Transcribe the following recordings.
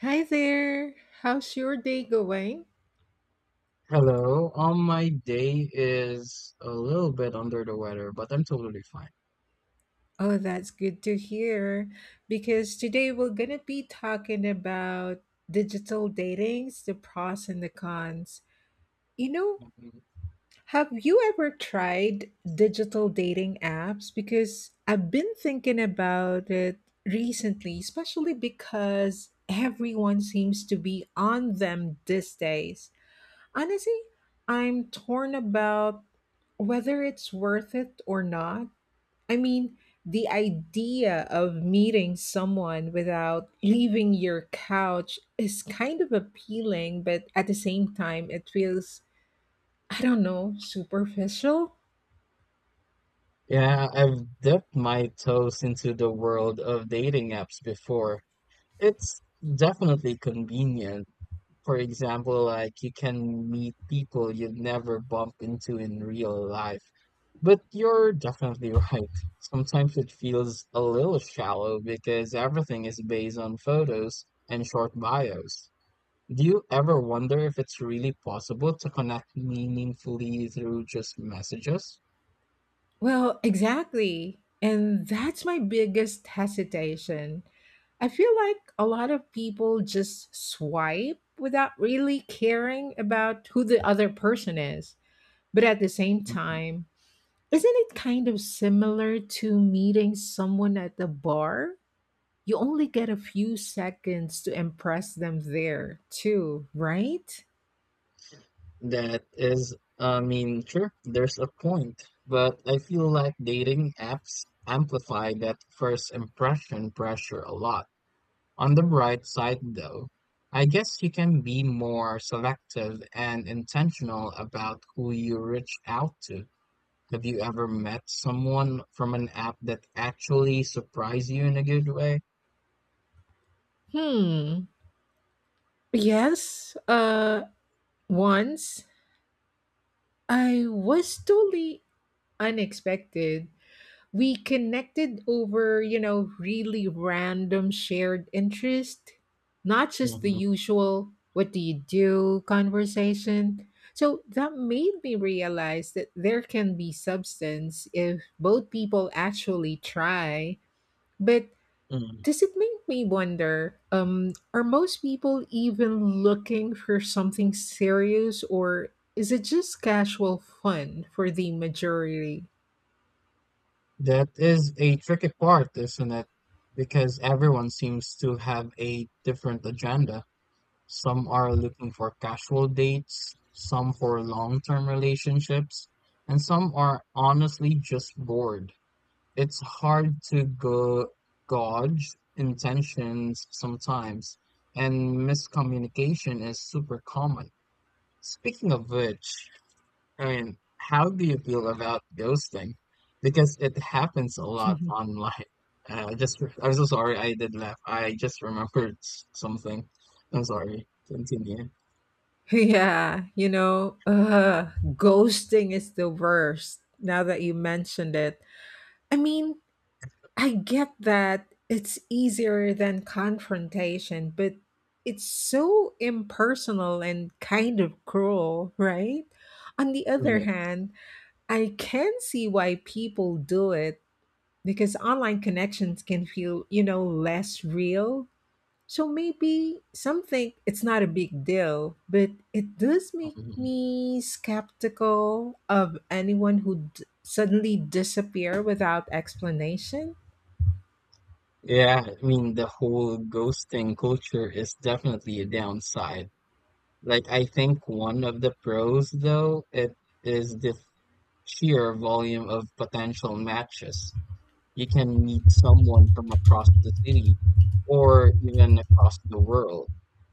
Hi there. How's your day going? Hello. My day is a little bit under the weather, but I'm totally fine. Oh, that's good to hear because today we're going to be talking about digital datings, the pros and the cons. You know, Mhm. have you ever tried digital dating apps? Because I've been thinking about it recently, especially because everyone seems to be on them these days. Honestly, I'm torn about whether it's worth it or not. I mean, the idea of meeting someone without leaving your couch is kind of appealing, but at the same time, it feels, I don't know, superficial? Yeah, I've dipped my toes into the world of dating apps before. It's definitely convenient. For example, like you can meet people you'd never bump into in real life. But you're definitely right. Sometimes it feels a little shallow because everything is based on photos and short bios. Do you ever wonder if it's really possible to connect meaningfully through just messages? Well, exactly. And that's my biggest hesitation. I feel like a lot of people just swipe without really caring about who the other person is. But at the same Mm, time, isn't it kind of similar to meeting someone at the bar? You only get a few seconds to impress them there, too, right? that is, I mean, sure, there's a point, but I feel like dating apps amplify that first impression pressure a lot. On the bright side, though, I guess you can be more selective and intentional about who you reach out to. Have you ever met someone from an app that actually surprised you in a good way? Hmm. Yes. Once I was totally unexpected. We connected over, you know, really random shared interest, not just the usual what do you do conversation. So that made me realize that there can be substance if both people actually try. But Mm. does it make me wonder are most people even looking for something serious or is it just casual fun for the majority? That is a tricky part, isn't it? Because everyone seems to have a different agenda. Some are looking for casual dates, some for long-term relationships, and some are honestly just bored. It's hard to go gauge intentions sometimes, and miscommunication is super common. Speaking of which, I mean, how do you feel about ghosting? Because it happens a lot online. I just, I'm so sorry I did laugh. I just remembered something. I'm sorry. Continue. Yeah, you know, ugh, ghosting is the worst now that you mentioned it. I mean, I get that it's easier than confrontation, but it's so impersonal and kind of cruel, right? On the other Yeah. hand, I can see why people do it because online connections can feel, you know, less real, so maybe some think it's not a big deal, but it does make Mhm. me skeptical of anyone who suddenly disappear without explanation. Yeah, I mean, the whole ghosting culture is definitely a downside. Like, I think one of the pros, though, it is the sheer volume of potential matches. You can meet someone from across the city or even across the world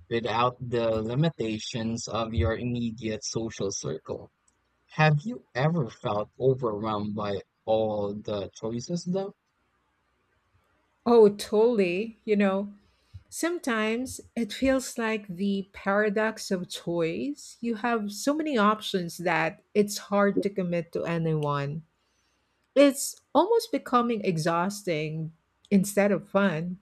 without the limitations of your immediate social circle. Have you ever felt overwhelmed by all the choices though? Oh, totally. You know, sometimes it feels like the paradox of choice. You have so many options that it's hard to commit to anyone. It's almost becoming exhausting instead of fun,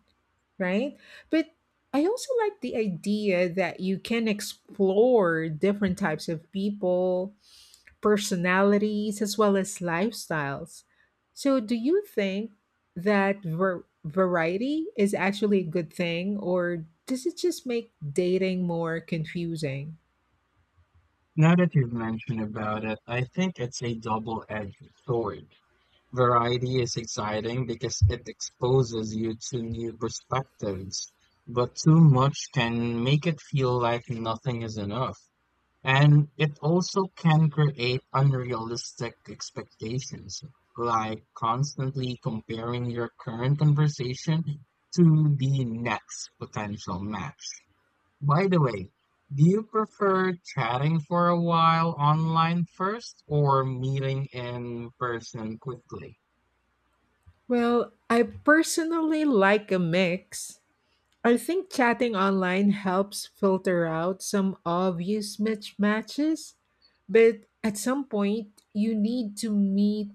right? But I also like the idea that you can explore different types of people, personalities, as well as lifestyles. So, do you think that variety is actually a good thing, or does it just make dating more confusing? Now that you've mentioned about it, I think it's a double-edged sword. Variety is exciting because it exposes you to new perspectives, but too much can make it feel like nothing is enough. And it also can create unrealistic expectations, like constantly comparing your current conversation to the next potential match. By the way, do you prefer chatting for a while online first or meeting in person quickly? Well, I personally like a mix. I think chatting online helps filter out some obvious mismatches, but at some point you need to meet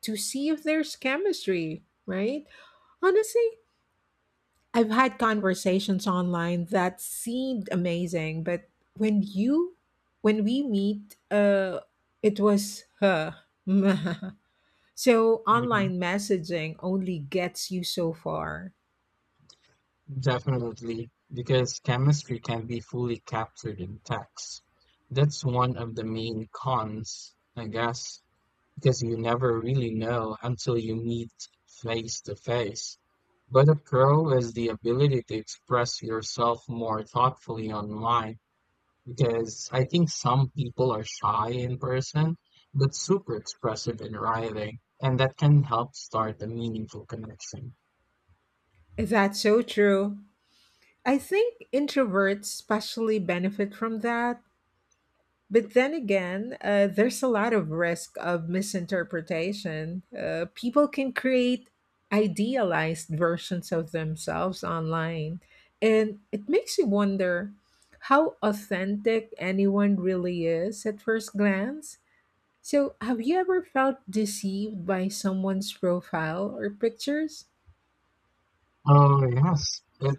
to see if there's chemistry, right? Honestly, I've had conversations online that seemed amazing, but when you when we meet, it was huh. So Mhm. online messaging only gets you so far. Definitely, because chemistry can be fully captured in text. That's one of the main cons, I guess, because you never really know until you meet face to face. But a pro is the ability to express yourself more thoughtfully online because I think some people are shy in person, but super expressive in writing, and that can help start a meaningful connection. That's so true. I think introverts especially benefit from that. But then again, there's a lot of risk of misinterpretation. People can create idealized versions of themselves online. And it makes you wonder how authentic anyone really is at first glance. So, have you ever felt deceived by someone's profile or pictures? Oh, yes. It,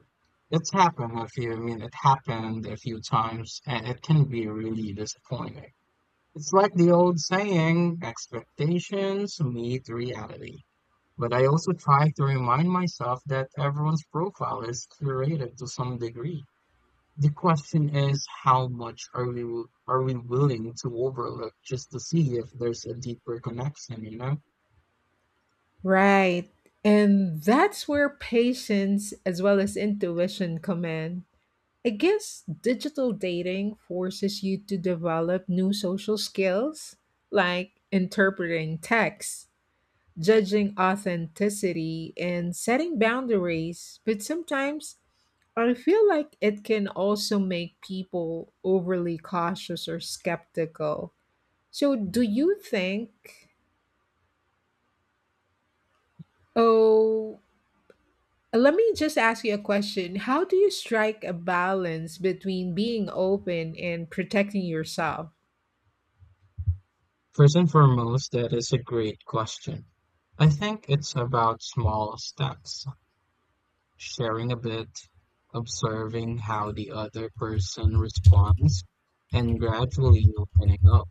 it's happened a few, I mean, it happened a few times, and it can be really disappointing. It's like the old saying, expectations meet reality. But I also try to remind myself that everyone's profile is curated to some degree. The question is, how much are we willing to overlook just to see if there's a deeper connection, you know? Right. And that's where patience as well as intuition come in. I guess digital dating forces you to develop new social skills like interpreting texts, judging authenticity, and setting boundaries. But sometimes I feel like it can also make people overly cautious or skeptical. So, do you think, oh, let me just ask you a question. How do you strike a balance between being open and protecting yourself? First and foremost, that is a great question. I think it's about small steps: sharing a bit, observing how the other person responds, and gradually opening up.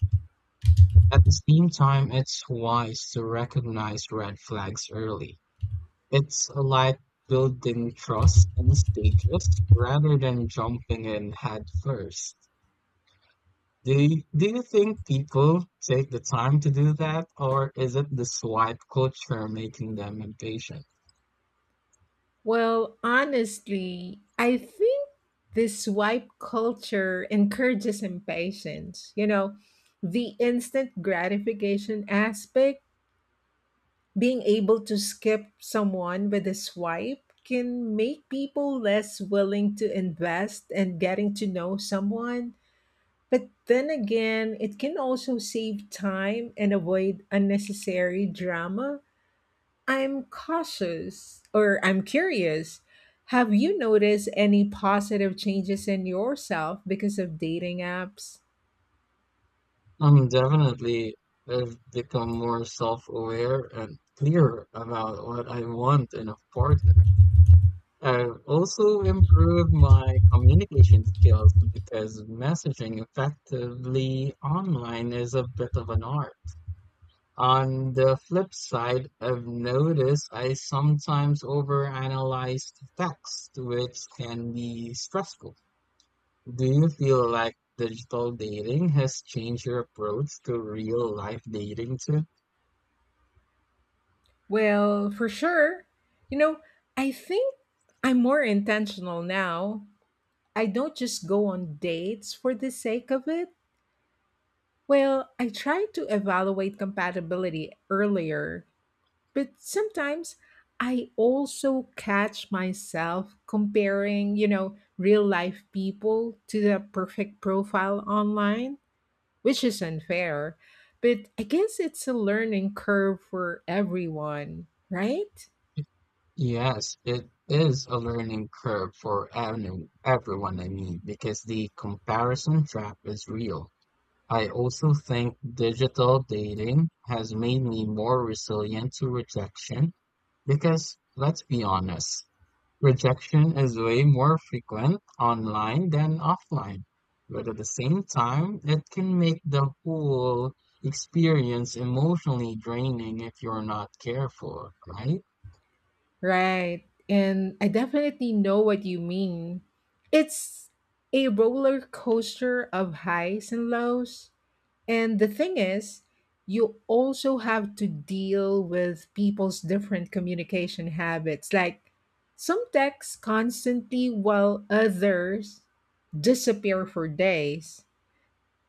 At the same time, it's wise to recognize red flags early. It's like building trust in stages rather than jumping in head first. Do you think people take the time to do that, or is it the swipe culture making them impatient? Well, honestly, I think this swipe culture encourages impatience. You know, the instant gratification aspect, being able to skip someone with a swipe can make people less willing to invest in getting to know someone. But then again, it can also save time and avoid unnecessary drama. I'm cautious or I'm curious. Have you noticed any positive changes in yourself because of dating apps? Definitely, I've become more self-aware and clear about what I want in a partner. I've also improved my communication skills because messaging effectively online is a bit of an art. On the flip side, I've noticed I sometimes overanalyze text, which can be stressful. Do you feel like digital dating has changed your approach to real life dating too? Well, for sure. You know, I think I'm more intentional now. I don't just go on dates for the sake of it. Well, I try to evaluate compatibility earlier. But sometimes I also catch myself comparing, you know, real life people to the perfect profile online, which is unfair. But I guess it's a learning curve for everyone, right? Yes, it is a learning curve for everyone, I mean, because the comparison trap is real. I also think digital dating has made me more resilient to rejection because, let's be honest, rejection is way more frequent online than offline, but at the same time, it can make the whole experience emotionally draining if you're not careful, right? Right. And I definitely know what you mean. It's a roller coaster of highs and lows. And the thing is, you also have to deal with people's different communication habits. Like, some text constantly while others disappear for days.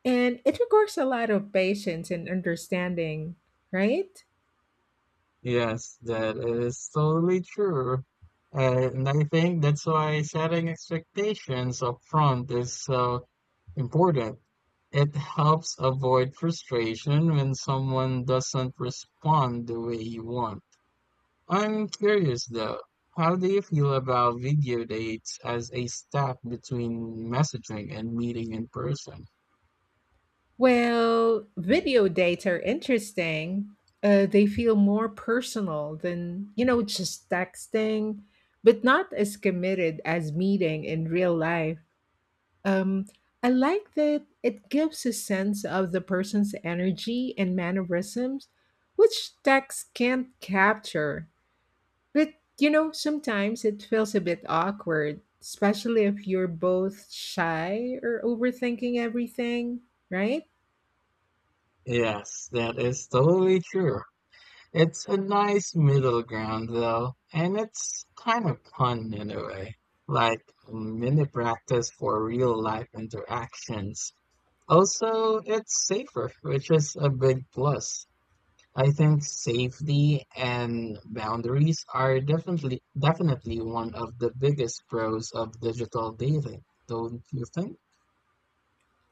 And it requires a lot of patience and understanding, right? Yes, that is totally true. And I think that's why setting expectations up front is so important. It helps avoid frustration when someone doesn't respond the way you want. I'm curious though, how do you feel about video dates as a step between messaging and meeting in person? Well, video dates are interesting. They feel more personal than, you know, just texting, but not as committed as meeting in real life. Um, I like that it gives a sense of the person's energy and mannerisms, which text can't capture. But you know, sometimes it feels a bit awkward, especially if you're both shy or overthinking everything, right? Yes, that is totally true. It's a nice middle ground though, and it's kind of fun in a way, like mini practice for real life interactions. Also, it's safer, which is a big plus. I think safety and boundaries are definitely one of the biggest pros of digital dating, don't you think?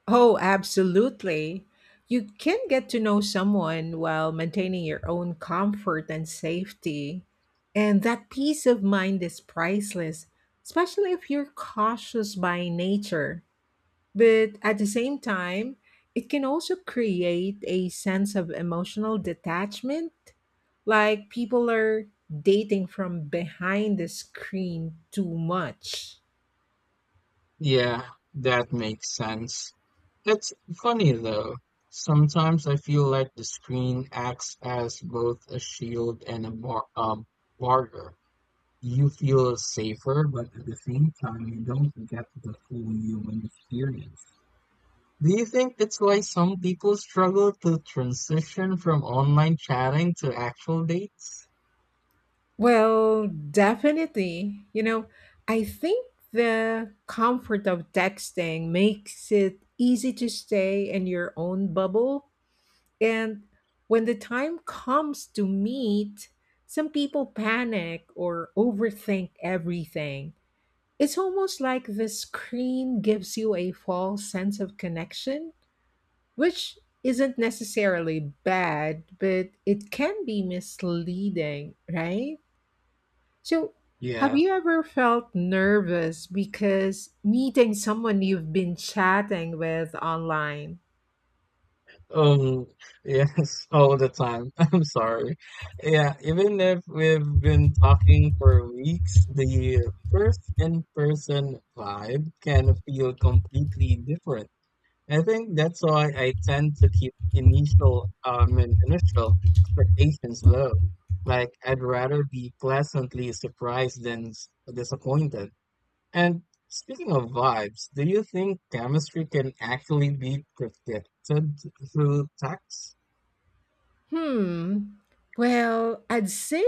Oh, absolutely. You can get to know someone while maintaining your own comfort and safety. And that peace of mind is priceless, especially if you're cautious by nature. But at the same time, it can also create a sense of emotional detachment. Like people are dating from behind the screen too much. Yeah, that makes sense. It's funny though. Sometimes I feel like the screen acts as both a shield and a barrier. You feel safer, but at the same time, you don't get the full human experience. Do you think that's why some people struggle to transition from online chatting to actual dates? Well, definitely. You know, I think the comfort of texting makes it easy to stay in your own bubble. And when the time comes to meet, some people panic or overthink everything. It's almost like the screen gives you a false sense of connection, which isn't necessarily bad, but it can be misleading, right? So, have Yeah. you ever felt nervous because meeting someone you've been chatting with online? Um, yes, all the time. I'm sorry. Yeah, even if we've been talking for weeks, the first in-person vibe can feel completely different. I think that's why I tend to keep initial expectations low. Like I'd rather be pleasantly surprised than disappointed. And speaking of vibes, do you think chemistry can actually be predicted through text? Hmm. Well, I'd say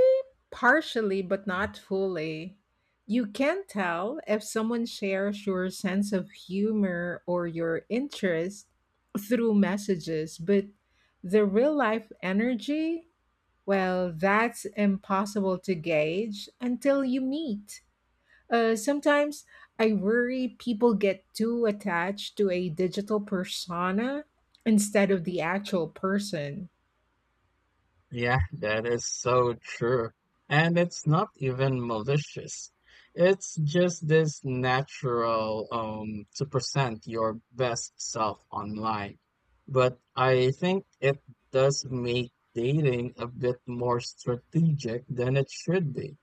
partially, but not fully. You can tell if someone shares your sense of humor or your interest through messages, but the real life energy, well, that's impossible to gauge until you meet. Sometimes I worry people get too attached to a digital persona instead of the actual person. Yeah, that is so true. And it's not even malicious. It's just this natural to present your best self online. But I think it does make dating a bit more strategic than it should be.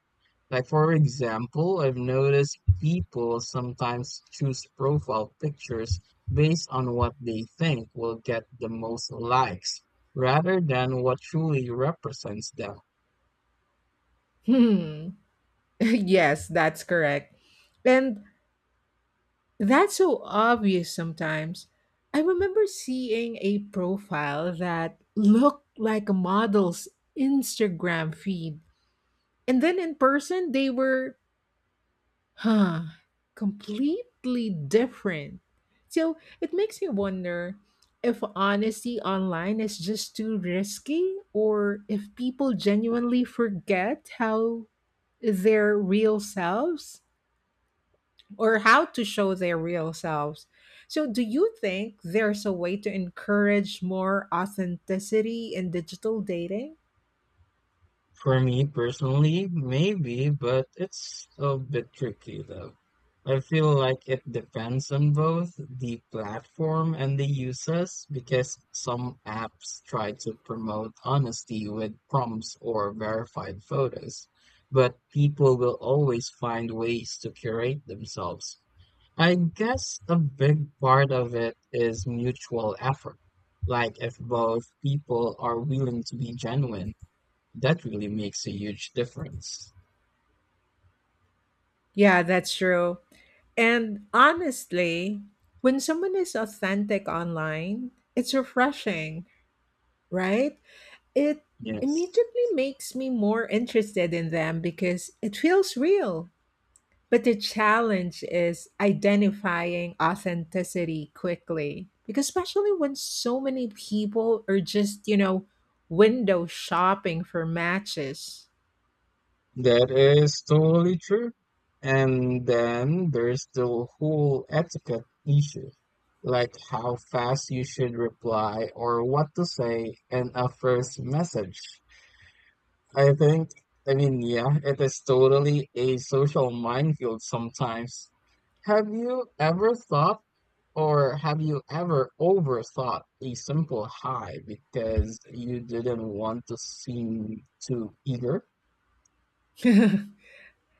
Like for example, I've noticed people sometimes choose profile pictures based on what they think will get the most likes rather than what truly represents them. Hmm. Yes, that's correct. And that's so obvious sometimes. I remember seeing a profile that looked like a model's Instagram feed. And then in person, they were, huh, completely different. So it makes me wonder if honesty online is just too risky or if people genuinely forget how their real selves or how to show their real selves. So, do you think there's a way to encourage more authenticity in digital dating? For me personally, maybe, but it's a bit tricky though. I feel like it depends on both the platform and the users because some apps try to promote honesty with prompts or verified photos, but people will always find ways to curate themselves. I guess a big part of it is mutual effort, like if both people are willing to be genuine that really makes a huge difference. Yeah, that's true. And honestly, when someone is authentic online, it's refreshing, right? It Yes, immediately makes me more interested in them because it feels real. But the challenge is identifying authenticity quickly, because especially when so many people are just, you know, window shopping for matches. that is totally true. And then there's the whole etiquette issue, like how fast you should reply or what to say in a first message. I think, I mean, yeah, it is totally a social minefield sometimes. Have you ever thought Or have you ever overthought a simple hi because you didn't want to seem too eager?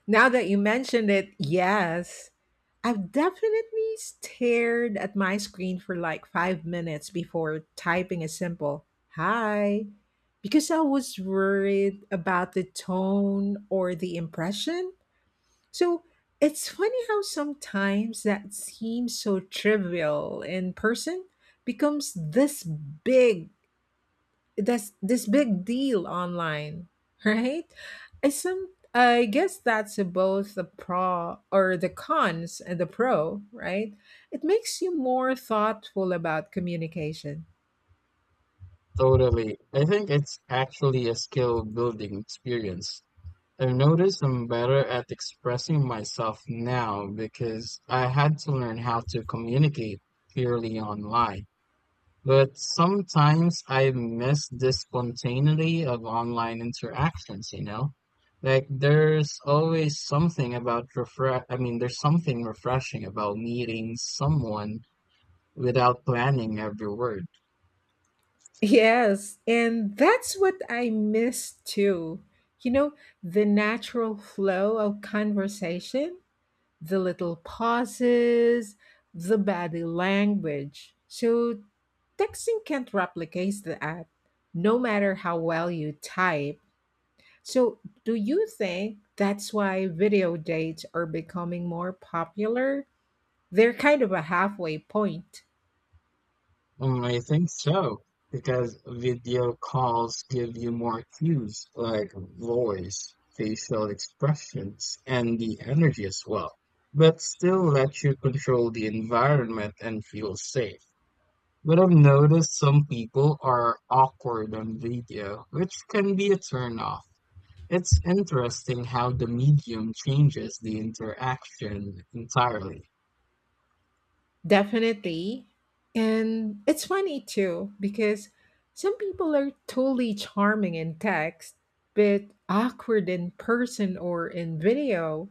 Now that you mentioned it, yes. I've definitely stared at my screen for like 5 minutes before typing a simple hi because I was worried about the tone or the impression. So it's funny how sometimes that seems so trivial in person becomes this big that's this big deal online, right? I some I guess that's both the pro or the cons and the pro, right? It makes you more thoughtful about communication. Totally. I think it's actually a skill building experience. I've noticed I'm better at expressing myself now because I had to learn how to communicate purely online. But sometimes I miss the spontaneity of online interactions, you know? Like there's always something about refresh I mean there's something refreshing about meeting someone without planning every word. Yes, and that's what I miss too. You know, the natural flow of conversation, the little pauses, the body language. So, texting can't replicate that, no matter how well you type. So, do you think that's why video dates are becoming more popular? They're kind of a halfway point. I think so, because video calls give you more cues like voice, facial expressions, and the energy as well, but still let you control the environment and feel safe. But I've noticed some people are awkward on video, which can be a turnoff. It's interesting how the medium changes the interaction entirely. Definitely. And it's funny too, because some people are totally charming in text, but awkward in person or in video.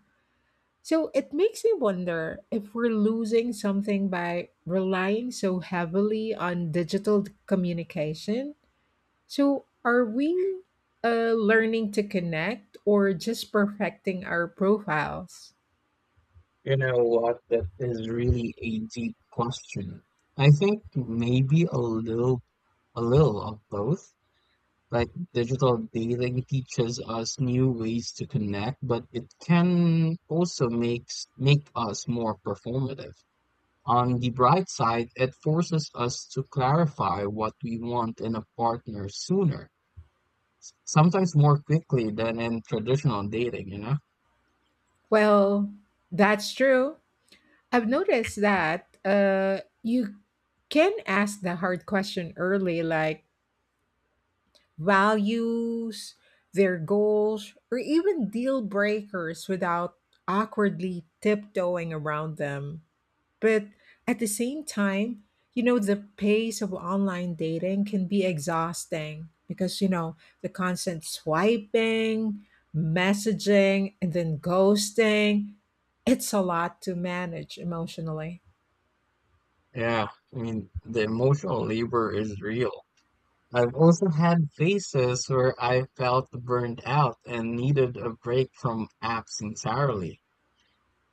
So it makes me wonder if we're losing something by relying so heavily on digital communication. So are we, learning to connect or just perfecting our profiles? You know what? That is really a deep question. I think maybe a little of both. Like digital dating teaches us new ways to connect, but it can also make us more performative. On the bright side, it forces us to clarify what we want in a partner sooner, sometimes more quickly than in traditional dating, you know? Well, that's true. I've noticed that, you can ask the hard question early, like, values, their goals, or even deal breakers without awkwardly tiptoeing around them. But at the same time, you know, the pace of online dating can be exhausting because, you know, the constant swiping, messaging, and then ghosting, it's a lot to manage emotionally. Yeah, I mean, the emotional labor is real. I've also had phases where I felt burnt out and needed a break from apps entirely.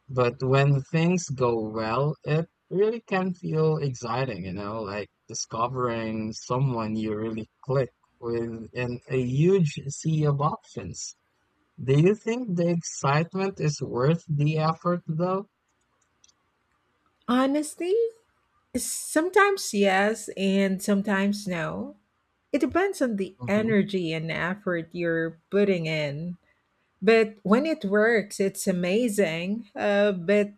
But when things go well, it really can feel exciting, you know, like discovering someone you really click with in a huge sea of options. Do you think the excitement is worth the effort, though? Honestly, sometimes yes, and sometimes no. It depends on the Hmm. energy and effort you're putting in. But when it works, it's amazing. But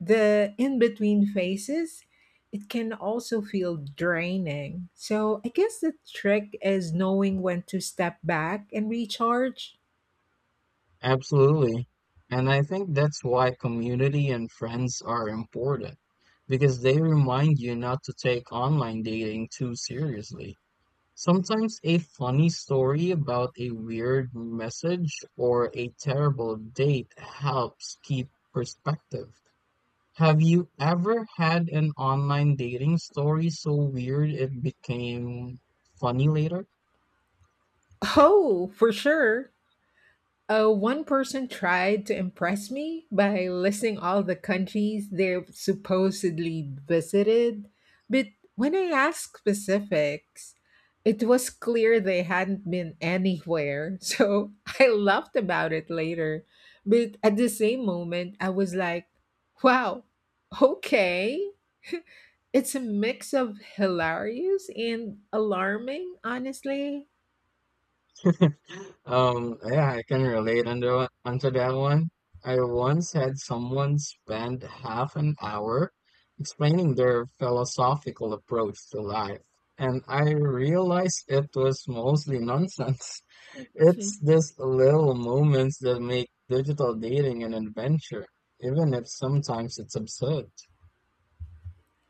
the in between phases, it can also feel draining. So I guess the trick is knowing when to step back and recharge. Absolutely. And I think that's why community and friends are important, because they remind you not to take online dating too seriously. Sometimes a funny story about a weird message or a terrible date helps keep perspective. Have you ever had an online dating story so weird it became funny later? Oh, for sure. One person tried to impress me by listing all the countries they've supposedly visited, but when I asked specifics, it was clear they hadn't been anywhere. So I laughed about it later. But at the same moment, I was like, wow, okay. It's a mix of hilarious and alarming, honestly. Yeah, I can relate under onto that one. I once had someone spend half an hour explaining their philosophical approach to life, and I realized it was mostly nonsense. It's these little moments that make digital dating an adventure, even if sometimes it's absurd.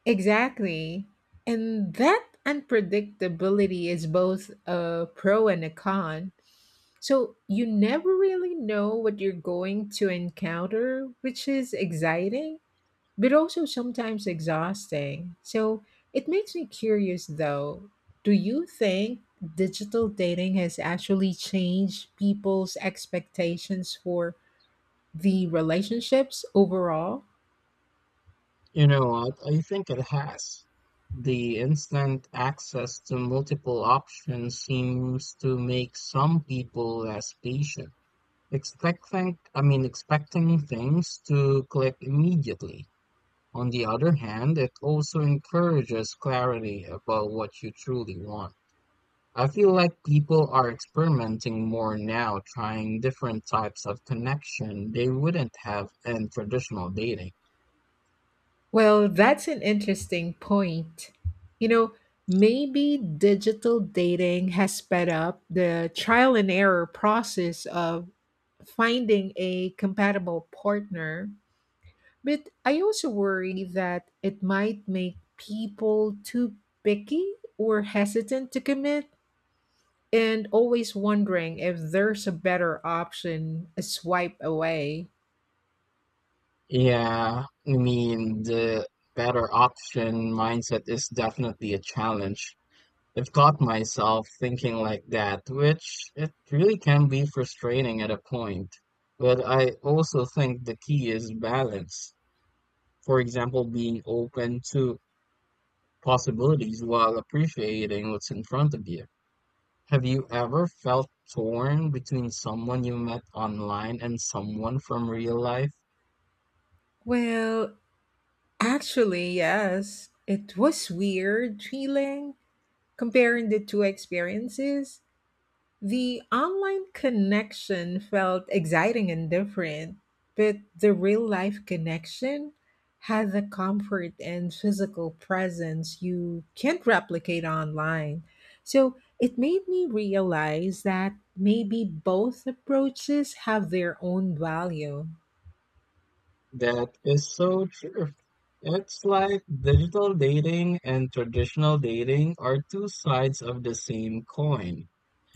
Exactly. And that unpredictability is both a pro and a con. So you never really know what you're going to encounter, which is exciting, but also sometimes exhausting. So it makes me curious, though, do you think digital dating has actually changed people's expectations for the relationships overall? You know what? I think it has. The instant access to multiple options seems to make some people less patient. Expecting things to click immediately. On the other hand, it also encourages clarity about what you truly want. I feel like people are experimenting more now, trying different types of connection they wouldn't have in traditional dating. Well, that's an interesting point. You know, maybe digital dating has sped up the trial and error process of finding a compatible partner. But I also worry that it might make people too picky or hesitant to commit and always wondering if there's a better option a swipe away. Yeah, I mean, the better option mindset is definitely a challenge. I've caught myself thinking like that, which it really can be frustrating at a point. But I also think the key is balance. For example, being open to possibilities while appreciating what's in front of you. Have you ever felt torn between someone you met online and someone from real life? Well, actually, yes. It was weird feeling comparing the two experiences. The online connection felt exciting and different, but the real life connection had the comfort and physical presence you can't replicate online. So it made me realize that maybe both approaches have their own value. That is so true. It's like digital dating and traditional dating are two sides of the same coin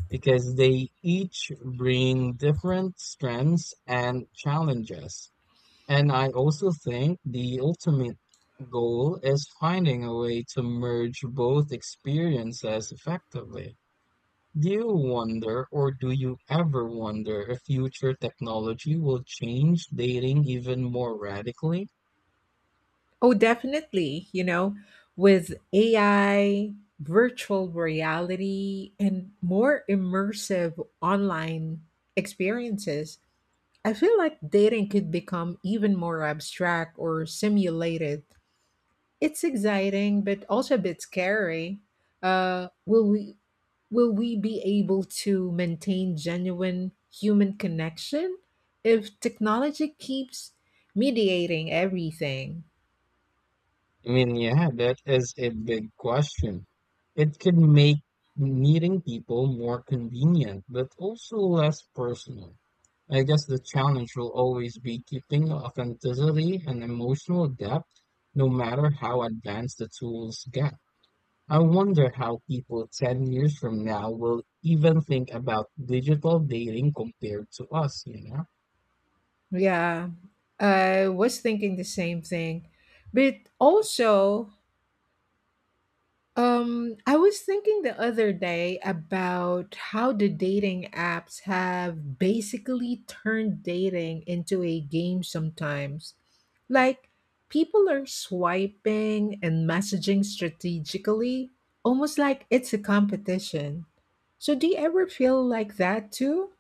because they each bring different strengths and challenges. And I also think the ultimate goal is finding a way to merge both experiences effectively. Do you ever wonder if future technology will change dating even more radically? Oh, definitely. You know, with AI, virtual reality, and more immersive online experiences, I feel like dating could become even more abstract or simulated. It's exciting, but also a bit scary. Uh, will we will we be able to maintain genuine human connection if technology keeps mediating everything? I mean, yeah, that is a big question. It can make meeting people more convenient, but also less personal. I guess the challenge will always be keeping authenticity and emotional depth, no matter how advanced the tools get. I wonder how people 10 years from now will even think about digital dating compared to us, you know? Yeah, I was thinking the same thing. But also, I was thinking the other day about how the dating apps have basically turned dating into a game sometimes. Like, people are swiping and messaging strategically, almost like it's a competition. So, do you ever feel like that too?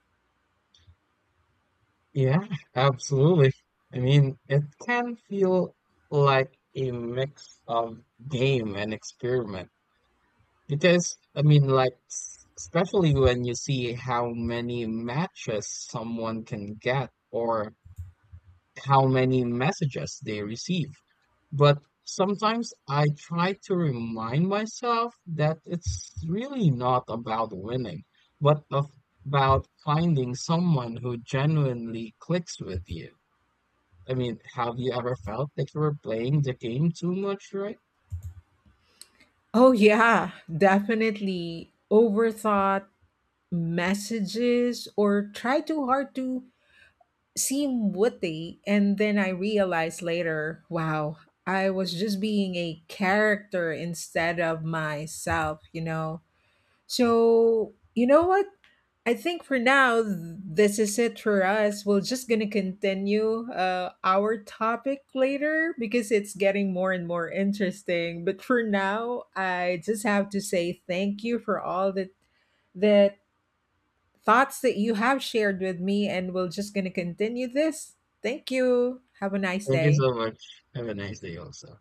Yeah, absolutely. I mean, it can feel like a mix of game and experiment because, I mean, like, especially when you see how many matches someone can get or how many messages they receive. But sometimes I try to remind myself that it's really not about winning, but of, about finding someone who genuinely clicks with you. I mean, have you ever felt like you were playing the game too much, right? Oh, yeah, definitely. Overthought messages or try too hard to seem witty and then I realized later, wow, I was just being a character instead of myself, you know. So you know what, I think for now this is it for us. We're just gonna continue our topic later because it's getting more and more interesting, but for now I just have to say thank you for all the thoughts that you have shared with me, and we're just going to continue this. Thank you. Have a nice Thank you day. so much. Have a nice day also.